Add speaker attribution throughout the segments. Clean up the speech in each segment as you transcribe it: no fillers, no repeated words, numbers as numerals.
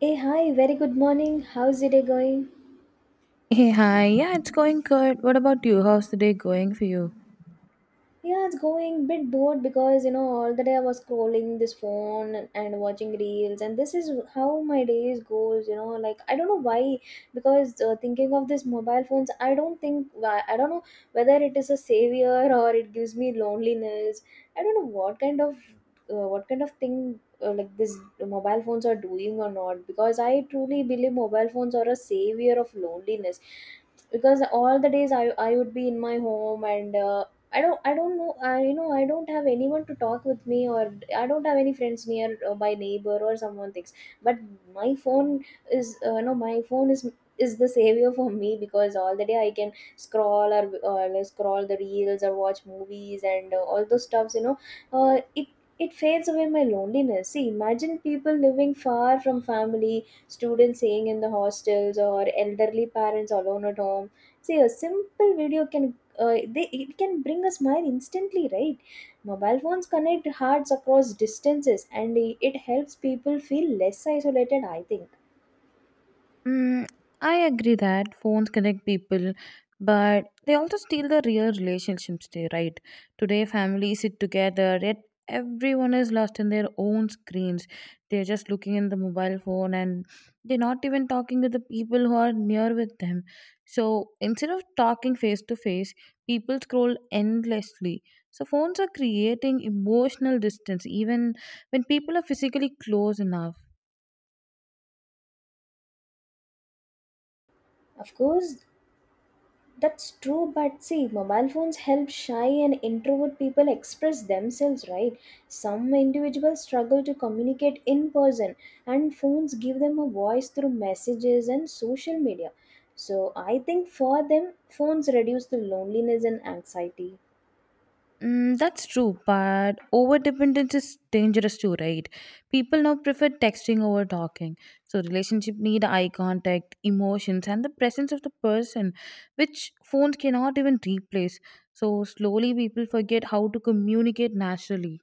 Speaker 1: Hey, hi, very good morning. How's your day going?
Speaker 2: Hey, hi. Yeah, it's going good. What about you? How's the day going for you?
Speaker 1: Yeah, it's going bit bored because all the day I was scrolling this phone and watching reels, and this is how my days goes. I don't know why because thinking of this mobile phones, I don't think why I don't know whether it is a savior or it gives me loneliness. I don't know what kind of thing like this mobile phones are doing or not because I truly believe mobile phones are a savior of loneliness because all the days I would be in my home and I don't know I I don't have anyone to talk with me or I don't have any friends near my neighbor or someone thinks, but my phone is no my phone is the savior for me because all the day I can scroll or scroll the reels or watch movies and all those stuffs. uh, it it fades away my loneliness. See, imagine people living far from family, students staying in the hostels, or elderly parents alone at home. See, a simple video can, they it can bring a smile instantly, right? Mobile phones connect hearts across distances, and it helps people feel less isolated, I think.
Speaker 2: Mm, I agree that phones connect people, but they also steal the real relationships too, right? Today, families sit together, yet everyone is lost in their own screens. They're just looking in the mobile phone and they're not even talking to the people who are near with them. So instead of talking face to face, people scroll endlessly. So phones are creating emotional distance even when people are physically close enough.
Speaker 1: Of course, that's true, but see, mobile phones help shy and introvert people express themselves, right? Some individuals struggle to communicate in person, and phones give them a voice through messages and social media. So I think for them, phones reduce the loneliness and anxiety.
Speaker 2: Mm, that's true, but over dependence is dangerous too, right? People now prefer texting over talking. So relationship need eye contact, emotions, and the presence of the person, which phones cannot even replace. So slowly people forget how to communicate naturally.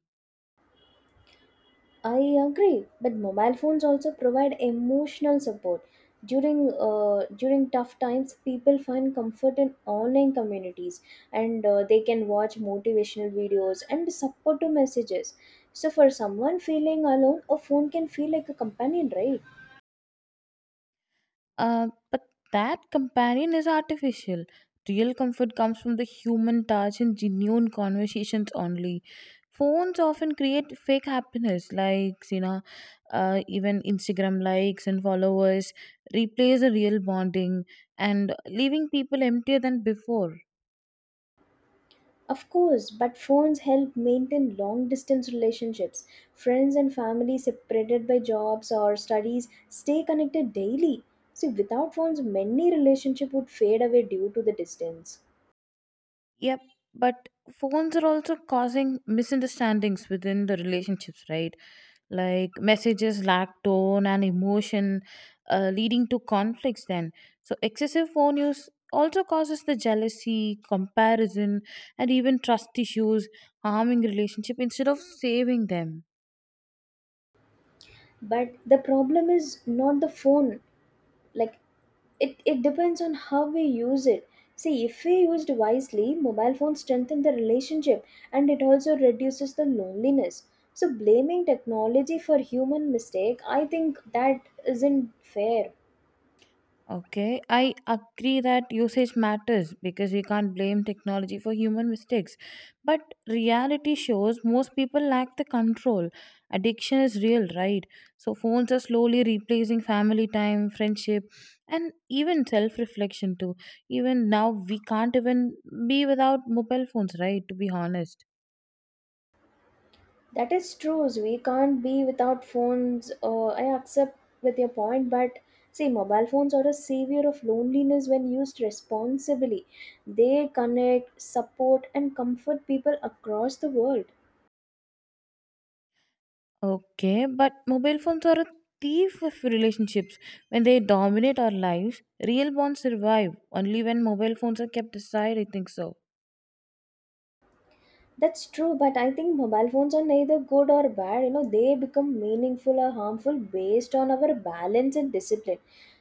Speaker 1: I agree, but mobile phones also provide emotional support. During tough times, people find comfort in online communities, and they can watch motivational videos and supportive messages. So, for someone feeling alone, a phone can feel like a companion, right?
Speaker 2: But that companion is artificial. Real comfort comes from the human touch and genuine conversations only. Phones often create fake happiness, even Instagram likes and followers replace a real bonding and leaving people emptier than before.
Speaker 1: Of course, but phones help maintain long distance relationships. Friends and family separated by jobs or studies stay connected daily. See, without phones, many relationships would fade away due to the distance.
Speaker 2: Yep, but phones are also causing misunderstandings within the relationships, right? Like messages lack tone and emotion, leading to conflicts then. So, excessive phone use also causes the jealousy, comparison, and even trust issues, harming relationship instead of saving them.
Speaker 1: But the problem is not the phone, like it depends on how we use it. See, if we used wisely, mobile phones strengthen the relationship, and it also reduces the loneliness. So blaming technology for human mistake, I think that isn't fair.
Speaker 2: Okay, I agree that usage matters because we can't blame technology for human mistakes. But reality shows most people lack the control. Addiction is real, right? So phones are slowly replacing family time, friendship, and even self reflection too. Even now, we can't even be without mobile phones, right? To be honest.
Speaker 1: That is true, so we can't be without phones. I accept with your point, but see, mobile phones are a savior of loneliness when used responsibly. They connect, support, and comfort people across the world.
Speaker 2: Okay, but mobile phones are a thief of relationships. When they dominate our lives, real bonds survive only when mobile phones are kept aside, I think so.
Speaker 1: That's true, but I think mobile phones are neither good or bad. You know, they become meaningful or harmful based on our balance and discipline.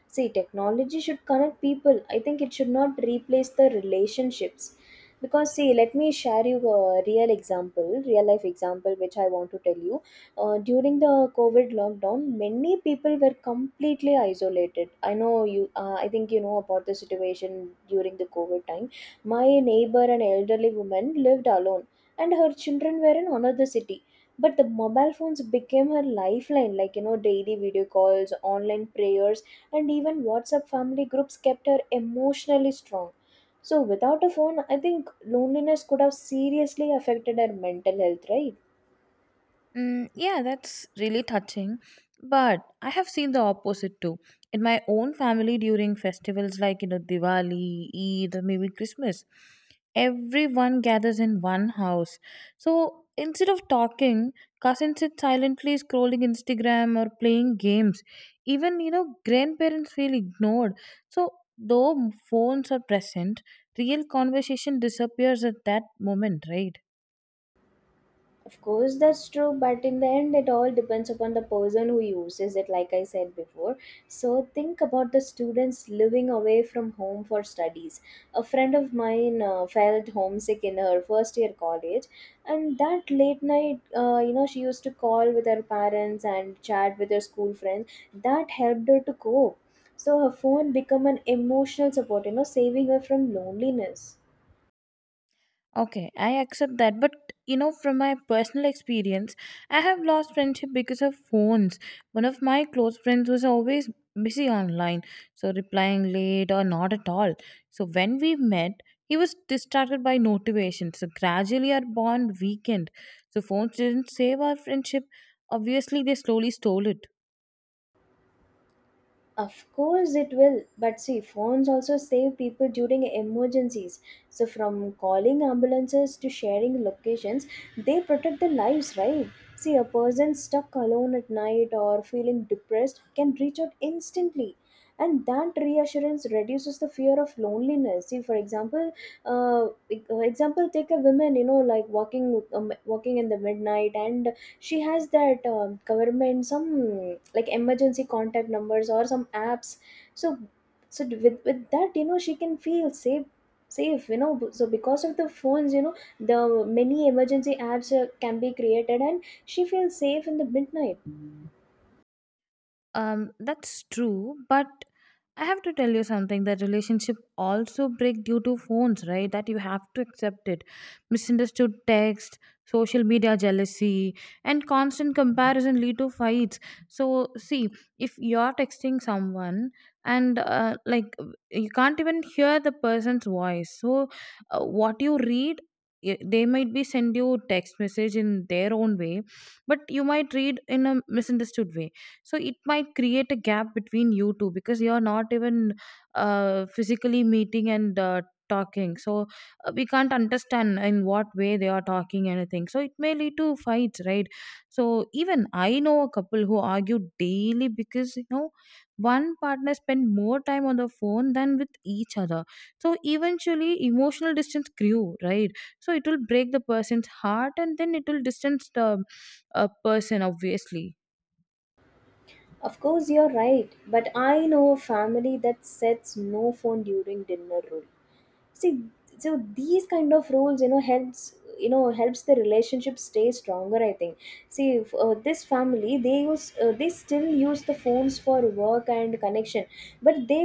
Speaker 1: See, technology should connect people. I think it should not replace the relationships. Because, see, let me share you a real example, real life example, which I want to tell you. During the COVID lockdown, many people were completely isolated. I know I think you know about the situation during the COVID time. My neighbor, an elderly woman, lived alone, and her children were in another city. But the mobile phones became her lifeline, like you know, daily video calls, online prayers, and even WhatsApp family groups kept her emotionally strong. So, without a phone, I think loneliness could have seriously affected her mental health, right?
Speaker 2: Mm, yeah, that's really touching. But I have seen the opposite too. In my own family, during festivals like Diwali, Eid, or maybe Christmas, everyone gathers in one house. So instead of talking, cousins sit silently scrolling Instagram or playing games. Even grandparents feel ignored. So though phones are present, real conversation disappears at that moment, right?
Speaker 1: Of course, that's true, but in the end, it all depends upon the person who uses it, like I said before. So, think about the students living away from home for studies. A friend of mine felt homesick in her first year college, and that late night, she used to call with her parents and chat with her school friends. That helped her to cope. So, her phone became an emotional support, saving her from loneliness.
Speaker 2: Okay, I accept that, but from my personal experience, I have lost friendship because of phones. One of my close friends was always busy online, so replying late or not at all. So when we met, he was distracted by notifications. So gradually, our bond weakened. So phones didn't save our friendship. Obviously, they slowly stole it.
Speaker 1: Of course it will. But see, phones also save people during emergencies. So from calling ambulances to sharing locations, they protect their lives, right? See, a person stuck alone at night or feeling depressed can reach out instantly. And that reassurance reduces the fear of loneliness. See, for example, example, take a woman, you know, like walking, walking in the midnight, and she has that government some like emergency contact numbers or some apps. So with that, you know, she can feel safe, you know, so because of the phones, you know, the many emergency apps can be created and she feels safe in the midnight.
Speaker 2: That's true, but I have to tell you something that relationship also break due to phones, right? That you have to accept it. Misunderstood text, social media jealousy, and constant comparison lead to fights. So see, if you're texting someone and like, you can't even hear the person's voice. So what you read, they might be send you text message in their own way, but you might read in a misunderstood way. So it might create a gap between you two because you're not even physically meeting and talking. So we can't understand in what way they are talking anything, so it may lead to fights, right? So even I know a couple who argue daily because you know one partner spent more time on the phone than with each other. So eventually emotional distance grew, right? So it will break the person's heart and then it will distance the person, obviously.
Speaker 1: Of course you're right, but I know a family that sets no phone during dinner rule. See, so these kind of roles, you know, helps, you know, helps the relationship stay stronger, I think. See, if this family, they use they still use the phones for work and connection, but they,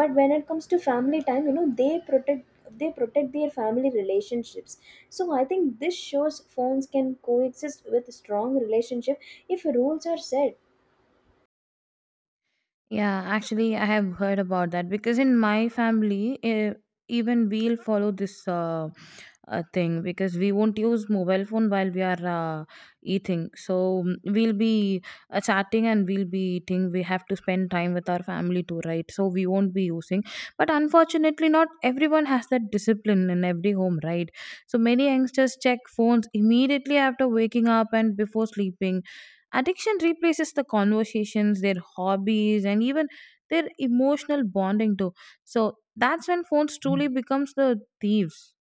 Speaker 1: but when it comes to family time, you know, they protect their family relationships. So I think this shows phones can coexist with strong relationship if rules are set.
Speaker 2: Yeah, actually, I have heard about that because in my family, even we'll follow this thing because we won't use mobile phone while we are uh, eating. So we'll be chatting and we'll be eating. We have to spend time with our family too, right? So we won't be using. But unfortunately, not everyone has that discipline in every home, right? So many youngsters check phones immediately after waking up and before sleeping. Addiction replaces the conversations, their hobbies, and even their emotional bonding too. So that's when phones truly becomes the thieves.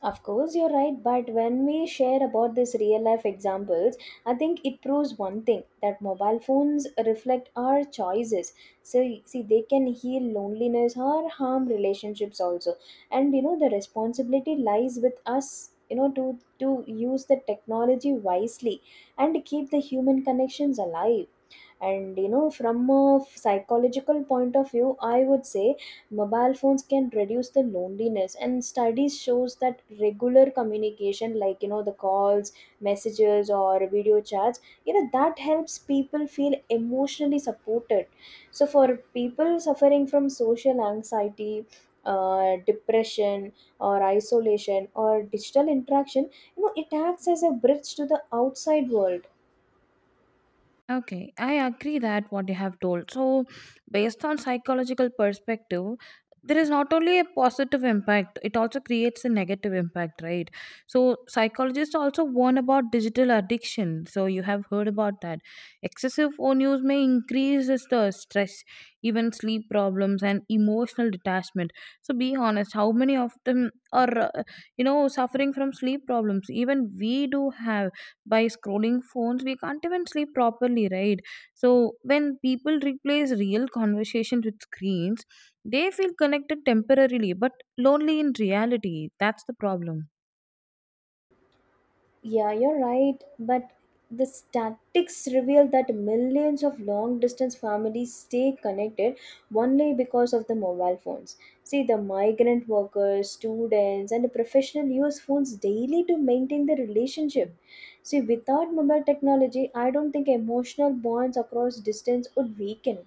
Speaker 1: Of course, you're right, but when we share about these real life examples, I think it proves one thing that mobile phones reflect our choices. So, see, they can heal loneliness or harm relationships also. And you know, the responsibility lies with us, you know, to use the technology wisely and keep the human connections alive. And you know, from a psychological point of view, I would say mobile phones can reduce the loneliness, and studies shows that regular communication, like you know, the calls, messages, or video chats, you know, that helps people feel emotionally supported. So for people suffering from social anxiety, depression, or isolation, or digital interaction, you know, it acts as a bridge to the outside world.
Speaker 2: Okay, I agree that what you have told. So, based on psychological perspective, there is not only a positive impact, it also creates a negative impact, right? So, psychologists also warn about digital addiction. So, you have heard about that. Excessive phone use may increase the stress, even sleep problems, and emotional detachment. So, be honest, how many of them are suffering from sleep problems? Even we do have by scrolling phones we can't even sleep properly, right? So when people replace real conversations with screens, they feel connected temporarily but lonely in reality. That's the problem.
Speaker 1: Yeah, you're right. But the statistics reveal that millions of long distance families stay connected only because of the mobile phones. See, the migrant workers, students, and professionals use phones daily to maintain the relationship. See, without mobile technology, I don't think emotional bonds across distance would weaken.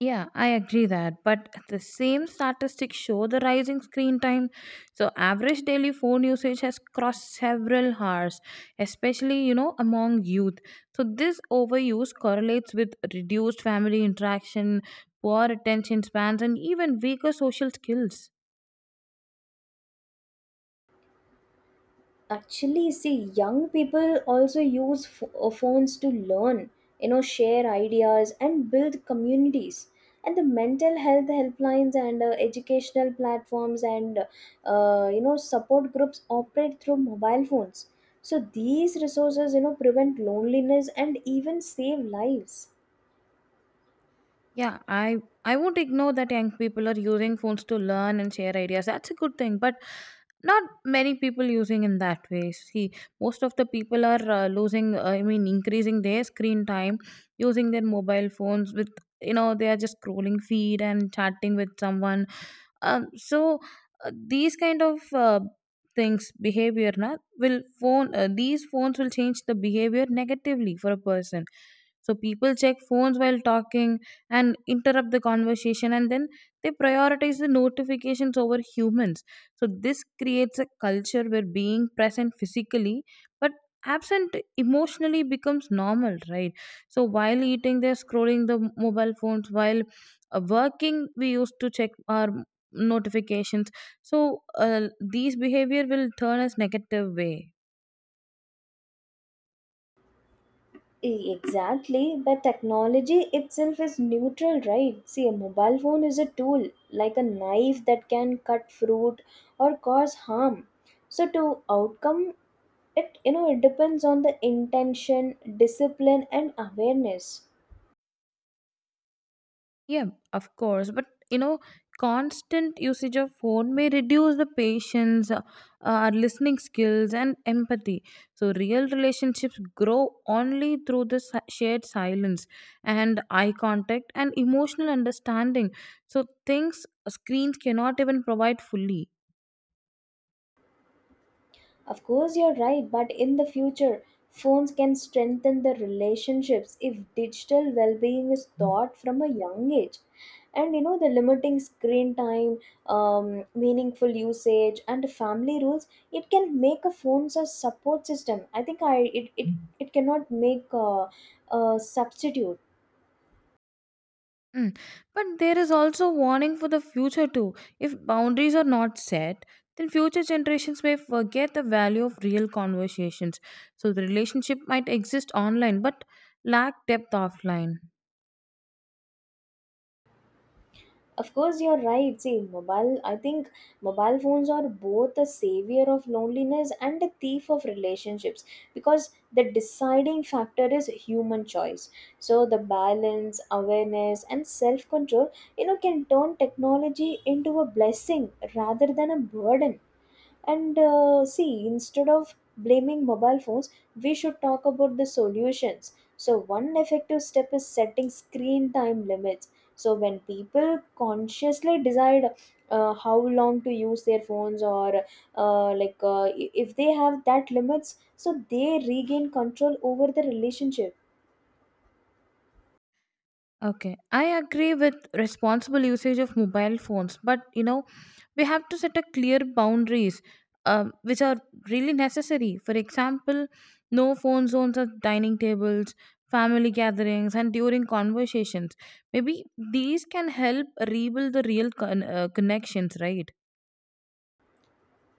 Speaker 2: Yeah, I agree that. But the same statistics show the rising screen time. So average daily phone usage has crossed several hours, especially, among youth. So this overuse correlates with reduced family interaction, poor attention spans, and even weaker social skills.
Speaker 1: Actually, see, young people also phones to learn, you know, share ideas, and build communities. And the mental health helplines and educational platforms and you know, support groups operate through mobile phones. So these resources, you know, prevent loneliness and even save lives.
Speaker 2: Yeah, I won't ignore that young people are using phones to learn and share ideas. That's a good thing, but not many people using in that way. See, most of the people are losing. I mean, increasing their screen time using their mobile phones. With they are just scrolling feed and chatting with someone so these kind of things behavior na will phone these phones will change the behavior negatively for a person. So people check phones while talking and interrupt the conversation, and then they prioritize the notifications over humans. So this creates a culture where being present physically but absent emotionally becomes normal, right? So while eating they're scrolling the mobile phones, while working we used to check our notifications. So these behavior will turn us negative way.
Speaker 1: Exactly, but technology itself is neutral, right? See, a mobile phone is a tool, like a knife that can cut fruit or cause harm. So, to outcome, it, you know, it depends on the intention, discipline, and awareness.
Speaker 2: Yeah, of course, but constant usage of phone may reduce the patience, our listening skills, and empathy. So real relationships grow only through the shared silence and eye contact and emotional understanding. So things screens cannot even provide fully.
Speaker 1: Of course, you're right, but in the future, phones can strengthen the relationships if digital well being is taught from a young age. And you know, the limiting screen time, meaningful usage, and family rules, it can make a phone a support system. I think it cannot make a substitute.
Speaker 2: Mm. But there is also warning for the future too. If boundaries are not set, then future generations may forget the value of real conversations. So the relationship might exist online but lack depth offline.
Speaker 1: Of course, you're right. See, mobile, I think mobile phones are both a savior of loneliness and a thief of relationships because the deciding factor is human choice. So, the balance, awareness, and self control, you know, can turn technology into a blessing rather than a burden. And see, instead of blaming mobile phones, we should talk about the solutions. So, one effective step is setting screen time limits. So, when people consciously decide how long to use their phones or if they have that limits, so they regain control over the relationship.
Speaker 2: Okay, I agree with responsible usage of mobile phones, but we have to set a clear boundaries which are really necessary. For example, no phone zones at dining tables, family gatherings, and during conversations. Maybe these can help rebuild the real connections, right?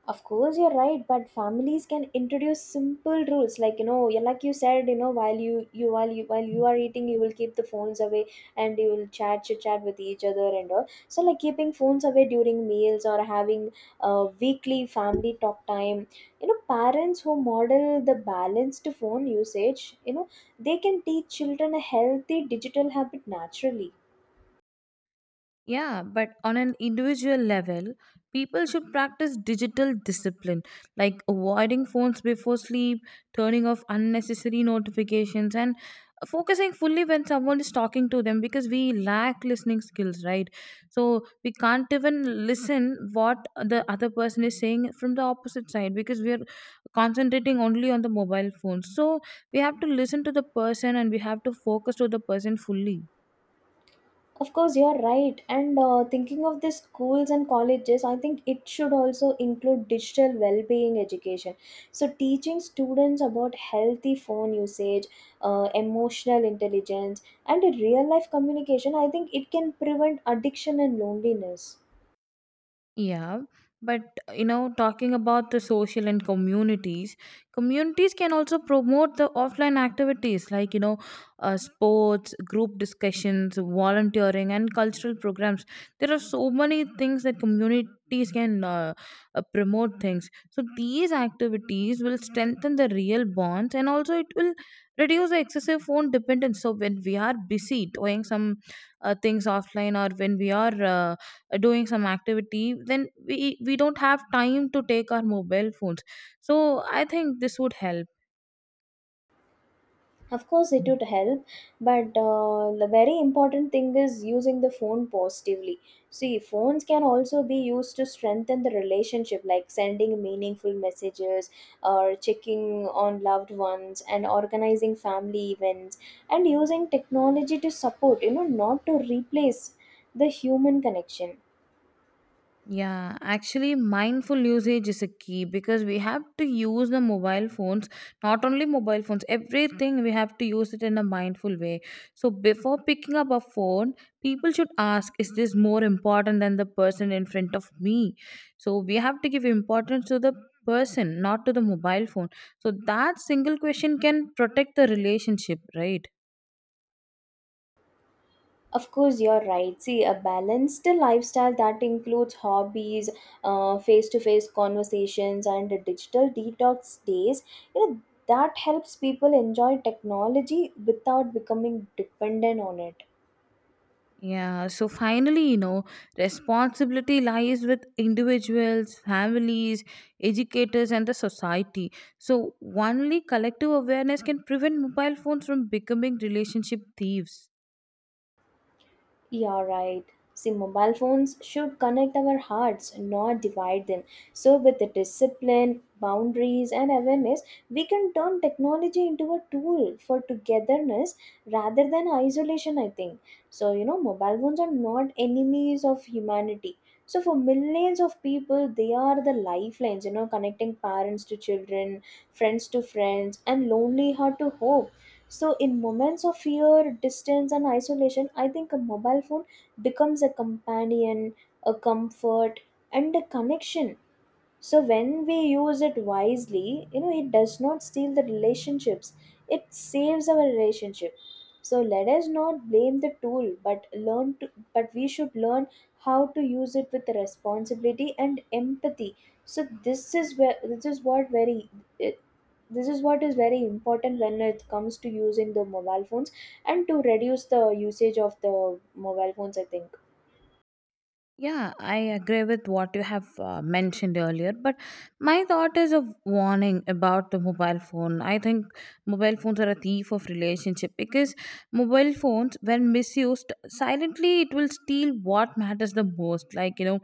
Speaker 1: Of course, you're right, but families can introduce simple rules, like you know, yeah, like you said, you know, while you are eating, you will keep the phones away, and you will chat chit chat with each other and all. So, like keeping phones away during meals or having a weekly family talk time. You know, parents who model the balanced phone usage, you know, they can teach children a healthy digital habit naturally.
Speaker 2: Yeah, but on an individual level, people should practice digital discipline, like avoiding phones before sleep, turning off unnecessary notifications, and focusing fully when someone is talking to them because we lack listening skills, right? So we can't even listen what the other person is saying from the opposite side because we are concentrating only on the mobile phone. So we have to listen to the person and we have to focus to the person fully.
Speaker 1: Of course, you're right. And thinking of the schools and colleges, I think it should also include digital well being education. So, teaching students about healthy phone usage, emotional intelligence, and real life communication, I think it can prevent addiction and loneliness.
Speaker 2: Yeah, but talking about the social and communities, communities can also promote the offline activities like sports, group discussions, volunteering, and cultural programs. There are so many things that communities can promote things. So these activities will strengthen the real bonds, and also it will reduce the excessive phone dependence. So when we are busy doing some things offline, or when we are doing some activity, then we don't have time to take our mobile phones, so I think this would help.
Speaker 1: Of course, it would help, but the very important thing is using the phone positively. See, phones can also be used to strengthen the relationship, like sending meaningful messages, or checking on loved ones, and organizing family events, and using technology to support, you know, not to replace the human connection.
Speaker 2: Yeah, actually, mindful usage is a key because we have to use the mobile phones, not only mobile phones, everything we have to use it in a mindful way. So, before picking up a phone, people should ask, Is this more important than the person in front of me? So, we have to give importance to the person, not to the mobile phone. So, that single question can protect the relationship, right?
Speaker 1: Of course, you're right. See, a balanced lifestyle that includes hobbies, face to face conversations, and digital detox days, you know, that helps people enjoy technology without becoming dependent on it.
Speaker 2: Yeah, so finally, responsibility lies with individuals, families, educators, and the society. So, only collective awareness can prevent mobile phones from becoming relationship thieves.
Speaker 1: You're right. See, mobile phones should connect our hearts, not divide them. So, with the discipline, boundaries, and awareness, we can turn technology into a tool for togetherness rather than isolation, I think. So, you know, mobile phones are not enemies of humanity. So, for millions of people, they are the lifelines, you know, connecting parents to children, friends to friends, and lonely heart to hope. So, in moments of fear, distance, and isolation, I think a mobile phone becomes a companion, a comfort, and a connection. So when we use it wisely, you know, it does not steal the relationships, it saves our relationship. So let us not blame the tool, but we should learn how to use it with responsibility and empathy. So it, this is what is very important when it comes to using the mobile phones and to reduce the usage of the mobile phones, I think.
Speaker 2: Yeah, I agree with what you have mentioned earlier, but my thought is a warning about the mobile phone. I think mobile phones are a thief of relationship because mobile phones, when misused silently, it will steal what matters the most, like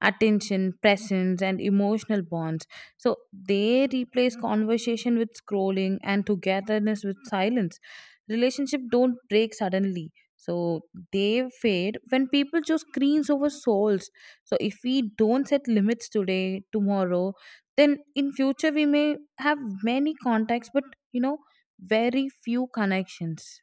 Speaker 2: attention, presence, and emotional bonds. So they replace conversation with scrolling and togetherness with silence. Relationship don't break suddenly, so they fade when people choose screens over souls. So if we don't set limits today, tomorrow, then in future we may have many contacts, but you know, very few connections.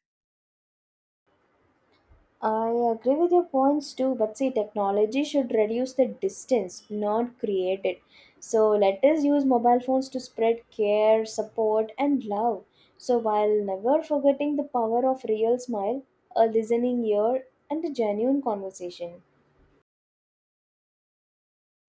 Speaker 1: I agree with your points too, but see, technology should reduce the distance, not create it. So let us use mobile phones to spread care, support, and love. So while never forgetting the power of real smile, a listening ear, and a genuine conversation.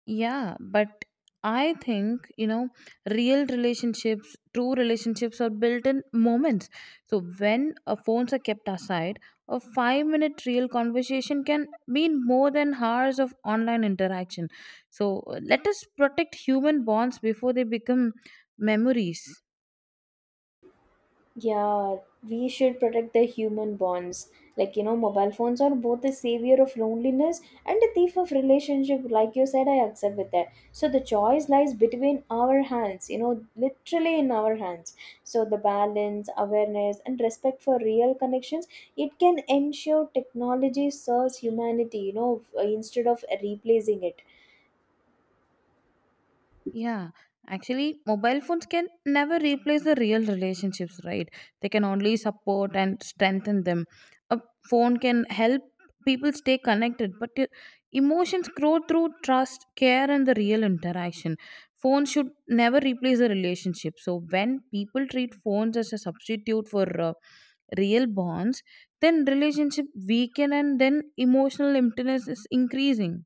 Speaker 2: Yeah, but I think, real relationships, true relationships are built in moments. So when phones are kept aside, a 5-minute real conversation can mean more than hours of online interaction. So let us protect human bonds before they become memories.
Speaker 1: Yeah, we should protect the human bonds. Like, you know, mobile phones are both the savior of loneliness and a thief of relationship. Like you said, I accept with that. So the choice lies between our hands, you know, literally in our hands. So the balance, awareness, and respect for real connections, it can ensure technology serves humanity, you know, f- instead of replacing it.
Speaker 2: Yeah, actually, mobile phones can never replace the real relationships, right? They can only support and strengthen them. A phone can help people stay connected, but emotions grow through trust, care, and the real interaction. Phones should never replace a relationship. So, when people treat phones as a substitute for real bonds, then relationship weaken and then emotional emptiness is increasing.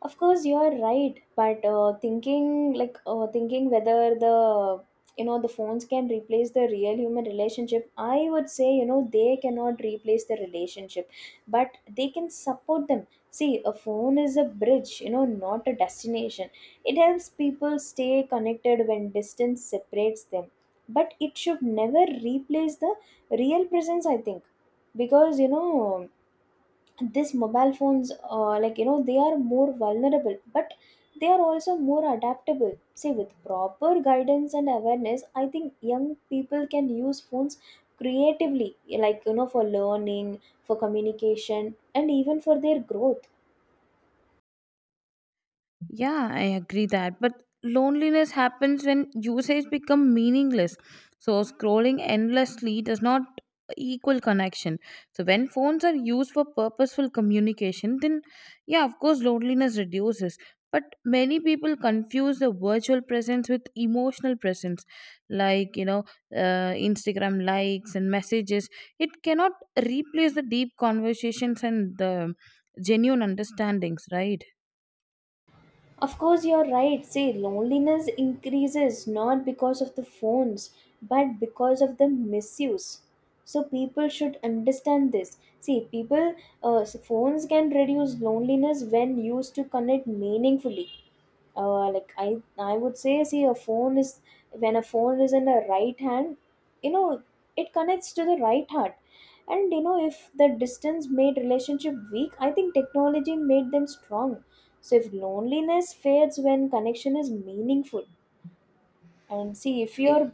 Speaker 1: Of course, you are right, but thinking thinking whether the, you know, the phones can replace the real human relationship, I would say, you know, they cannot replace the relationship, but they can support them. See, a phone is a bridge, you know, not a destination. It helps people stay connected when distance separates them, but it should never replace the real presence, I think. Because, you know, this mobile phones, like, you know, they are more vulnerable, but they are also more adaptable. See, with proper guidance and awareness, I think young people can use phones creatively, like, you know, for learning, for communication, and even for their growth.
Speaker 2: Yeah, I agree that. But loneliness happens when usage become meaningless. So scrolling endlessly does not equal connection. So when phones are used for purposeful communication, then yeah, of course loneliness reduces. But many people confuse the virtual presence with emotional presence, like you know, Instagram likes and messages. It cannot replace the deep conversations and the genuine understandings, right?
Speaker 1: Of course, you're right. See, loneliness increases not because of the phones, but because of the misuse. So people should understand this. See, people, phones can reduce loneliness when used to connect meaningfully. Like, I would say, see, a phone is when a phone is in the right hand, you know, it connects to the right heart. And, you know, if the distance made relationship weak, I think technology made them strong. So if loneliness fades when connection is meaningful, and see if
Speaker 2: Eh,
Speaker 1: your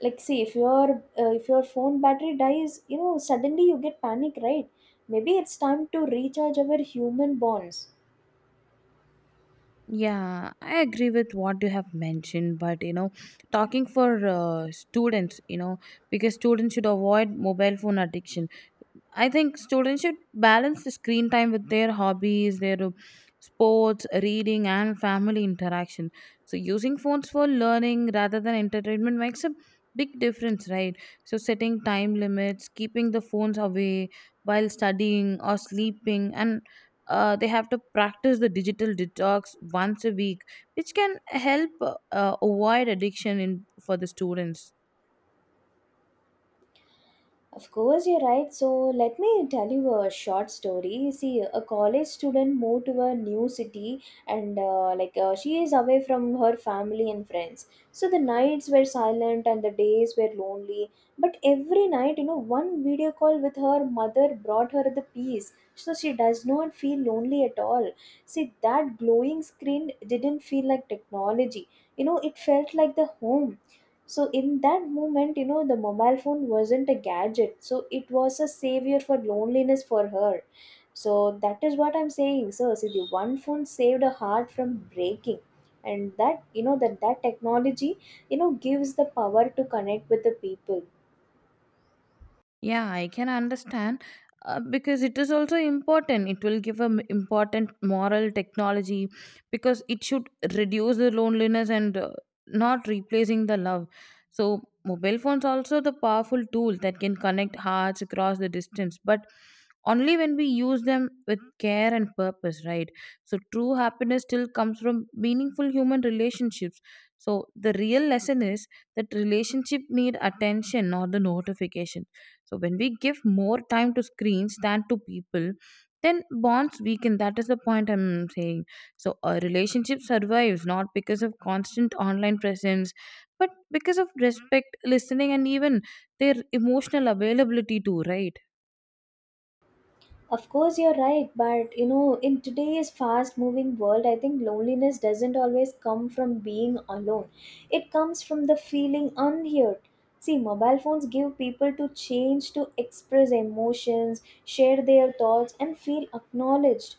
Speaker 1: like see if your phone battery dies, you know, suddenly you get panic, right? Maybe it's time to recharge our human bonds.
Speaker 2: yeah, I agree with what you have mentioned, but talking for students, because students should avoid mobile phone addiction. I think students should balance the screen time with their hobbies, their sports, reading, and family interaction. So, using phones for learning rather than entertainment makes a big difference, right? So, setting time limits, keeping the phones away while studying or sleeping, and they have to practice the digital detox once a week, which can help avoid addiction in for the students.
Speaker 1: Of course, you're right. So, let me tell you a short story. See, a college student moved to a new city and, she is away from her family and friends. So, the nights were silent and the days were lonely. But every night, you know, one video call with her mother brought her the peace. So, she does not feel lonely at all. See, that glowing screen didn't feel like technology. You know, it felt like the home. So in that moment, you know, the mobile phone wasn't a gadget, so it was a savior for loneliness for her. So that is what I'm saying. So see, the one phone saved a heart from breaking, and that, you know, that technology, you know, gives the power to connect with the people.
Speaker 2: Yeah, I can understand because it is also important. It will give an important moral technology because it should reduce the loneliness and not replacing the love. So mobile phones also the powerful tool that can connect hearts across the distance, but only when we use them with care and purpose, right? So true happiness still comes from meaningful human relationships. So the real lesson is that relationship need attention, not the notification. So when we give more time to screens than to people, then bonds weaken. That is the point I'm saying. So a relationship survives not because of constant online presence, but because of respect, listening, and even their emotional availability too, right?
Speaker 1: Of course, you're right, but, you know, in today's fast moving world, I think loneliness doesn't always come from being alone. It comes from the feeling unheard. See, mobile phones give people to change to express emotions, share their thoughts, and feel acknowledged.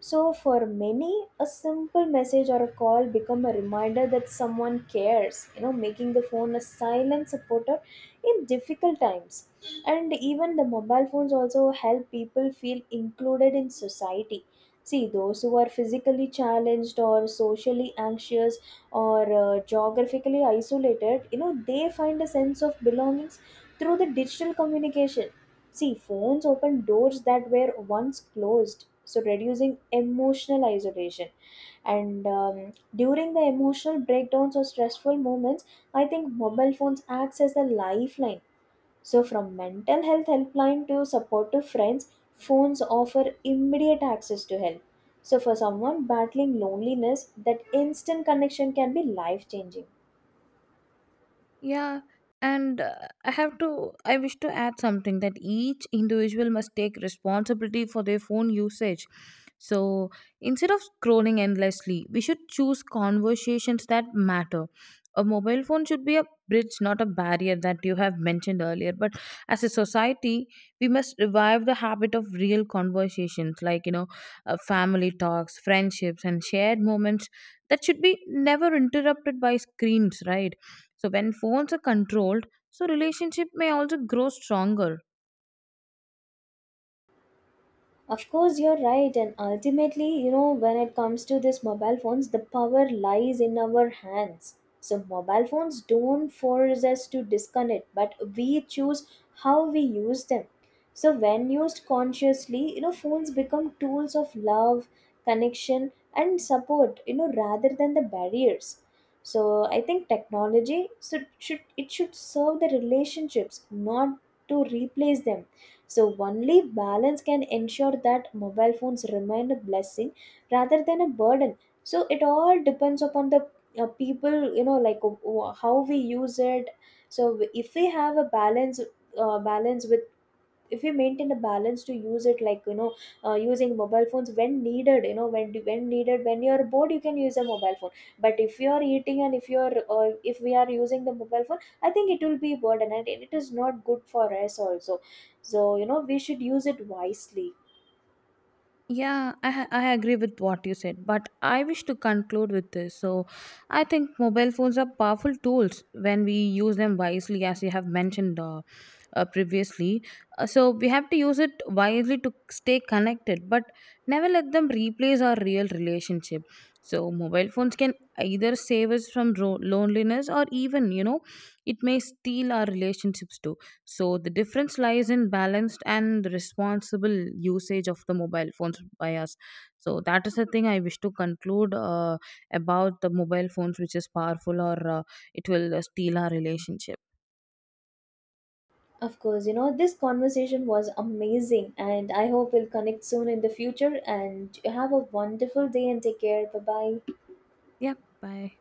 Speaker 1: So, for many, a simple message or a call become a reminder that someone cares, you know, making the phone a silent supporter in difficult times. And even the mobile phones also help people feel included in society. See, those who are physically challenged or socially anxious, or geographically isolated, you know, they find a sense of belongings through the digital communication. See, phones open doors that were once closed, so reducing emotional isolation. And during the emotional breakdowns or stressful moments, I think mobile phones acts as a lifeline. So, from mental health helpline to supportive friends, phones offer immediate access to help. So, for someone battling loneliness, that instant connection can be life changing.
Speaker 2: Yeah, and I wish to add something that each individual must take responsibility for their phone usage. So instead of scrolling endlessly, we should choose conversations that matter. A mobile phone should be a bridge, not a barrier that you have mentioned earlier. But as a society, we must revive the habit of real conversations like, family talks, friendships, and shared moments that should be never interrupted by screens, right? So when phones are controlled, so relationship may also grow stronger.
Speaker 1: Of course, you're right, and ultimately, you know, when it comes to these mobile phones, the power lies in our hands. So, mobile phones don't force us to disconnect, but we choose how we use them. So, when used consciously, you know, phones become tools of love, connection, and support, you know, rather than the barriers. So, I think technology should serve the relationships, not to replace them. So, only balance can ensure that mobile phones remain a blessing rather than a burden. So, it all depends upon the people, you know, like, how we use it. So, if we have a balance, balance with if we maintain a balance to use it, like, you know, using mobile phones when needed, you know, when needed, when you're bored, you can use a mobile phone. But if you are eating, and if we are using the mobile phone, I think it will be burden and it is not good for us also. So, you know, we should use it wisely.
Speaker 2: Yeah, I agree with what you said, but I wish to conclude with this. So, I think mobile phones are powerful tools when we use them wisely, as you have mentioned previously. So, we have to use it wisely to stay connected, but never let them replace our real relationship. So, mobile phones can either save us from loneliness or even, it may steal our relationships too. So the difference lies in balanced and responsible usage of the mobile phones by us. So that is the thing I wish to conclude about the mobile phones, which is powerful or it will steal our relationship.
Speaker 1: Of course, you know, this conversation was amazing, and I hope we'll connect soon in the future. And have a wonderful day and take care. Bye bye.
Speaker 2: Yeah, bye.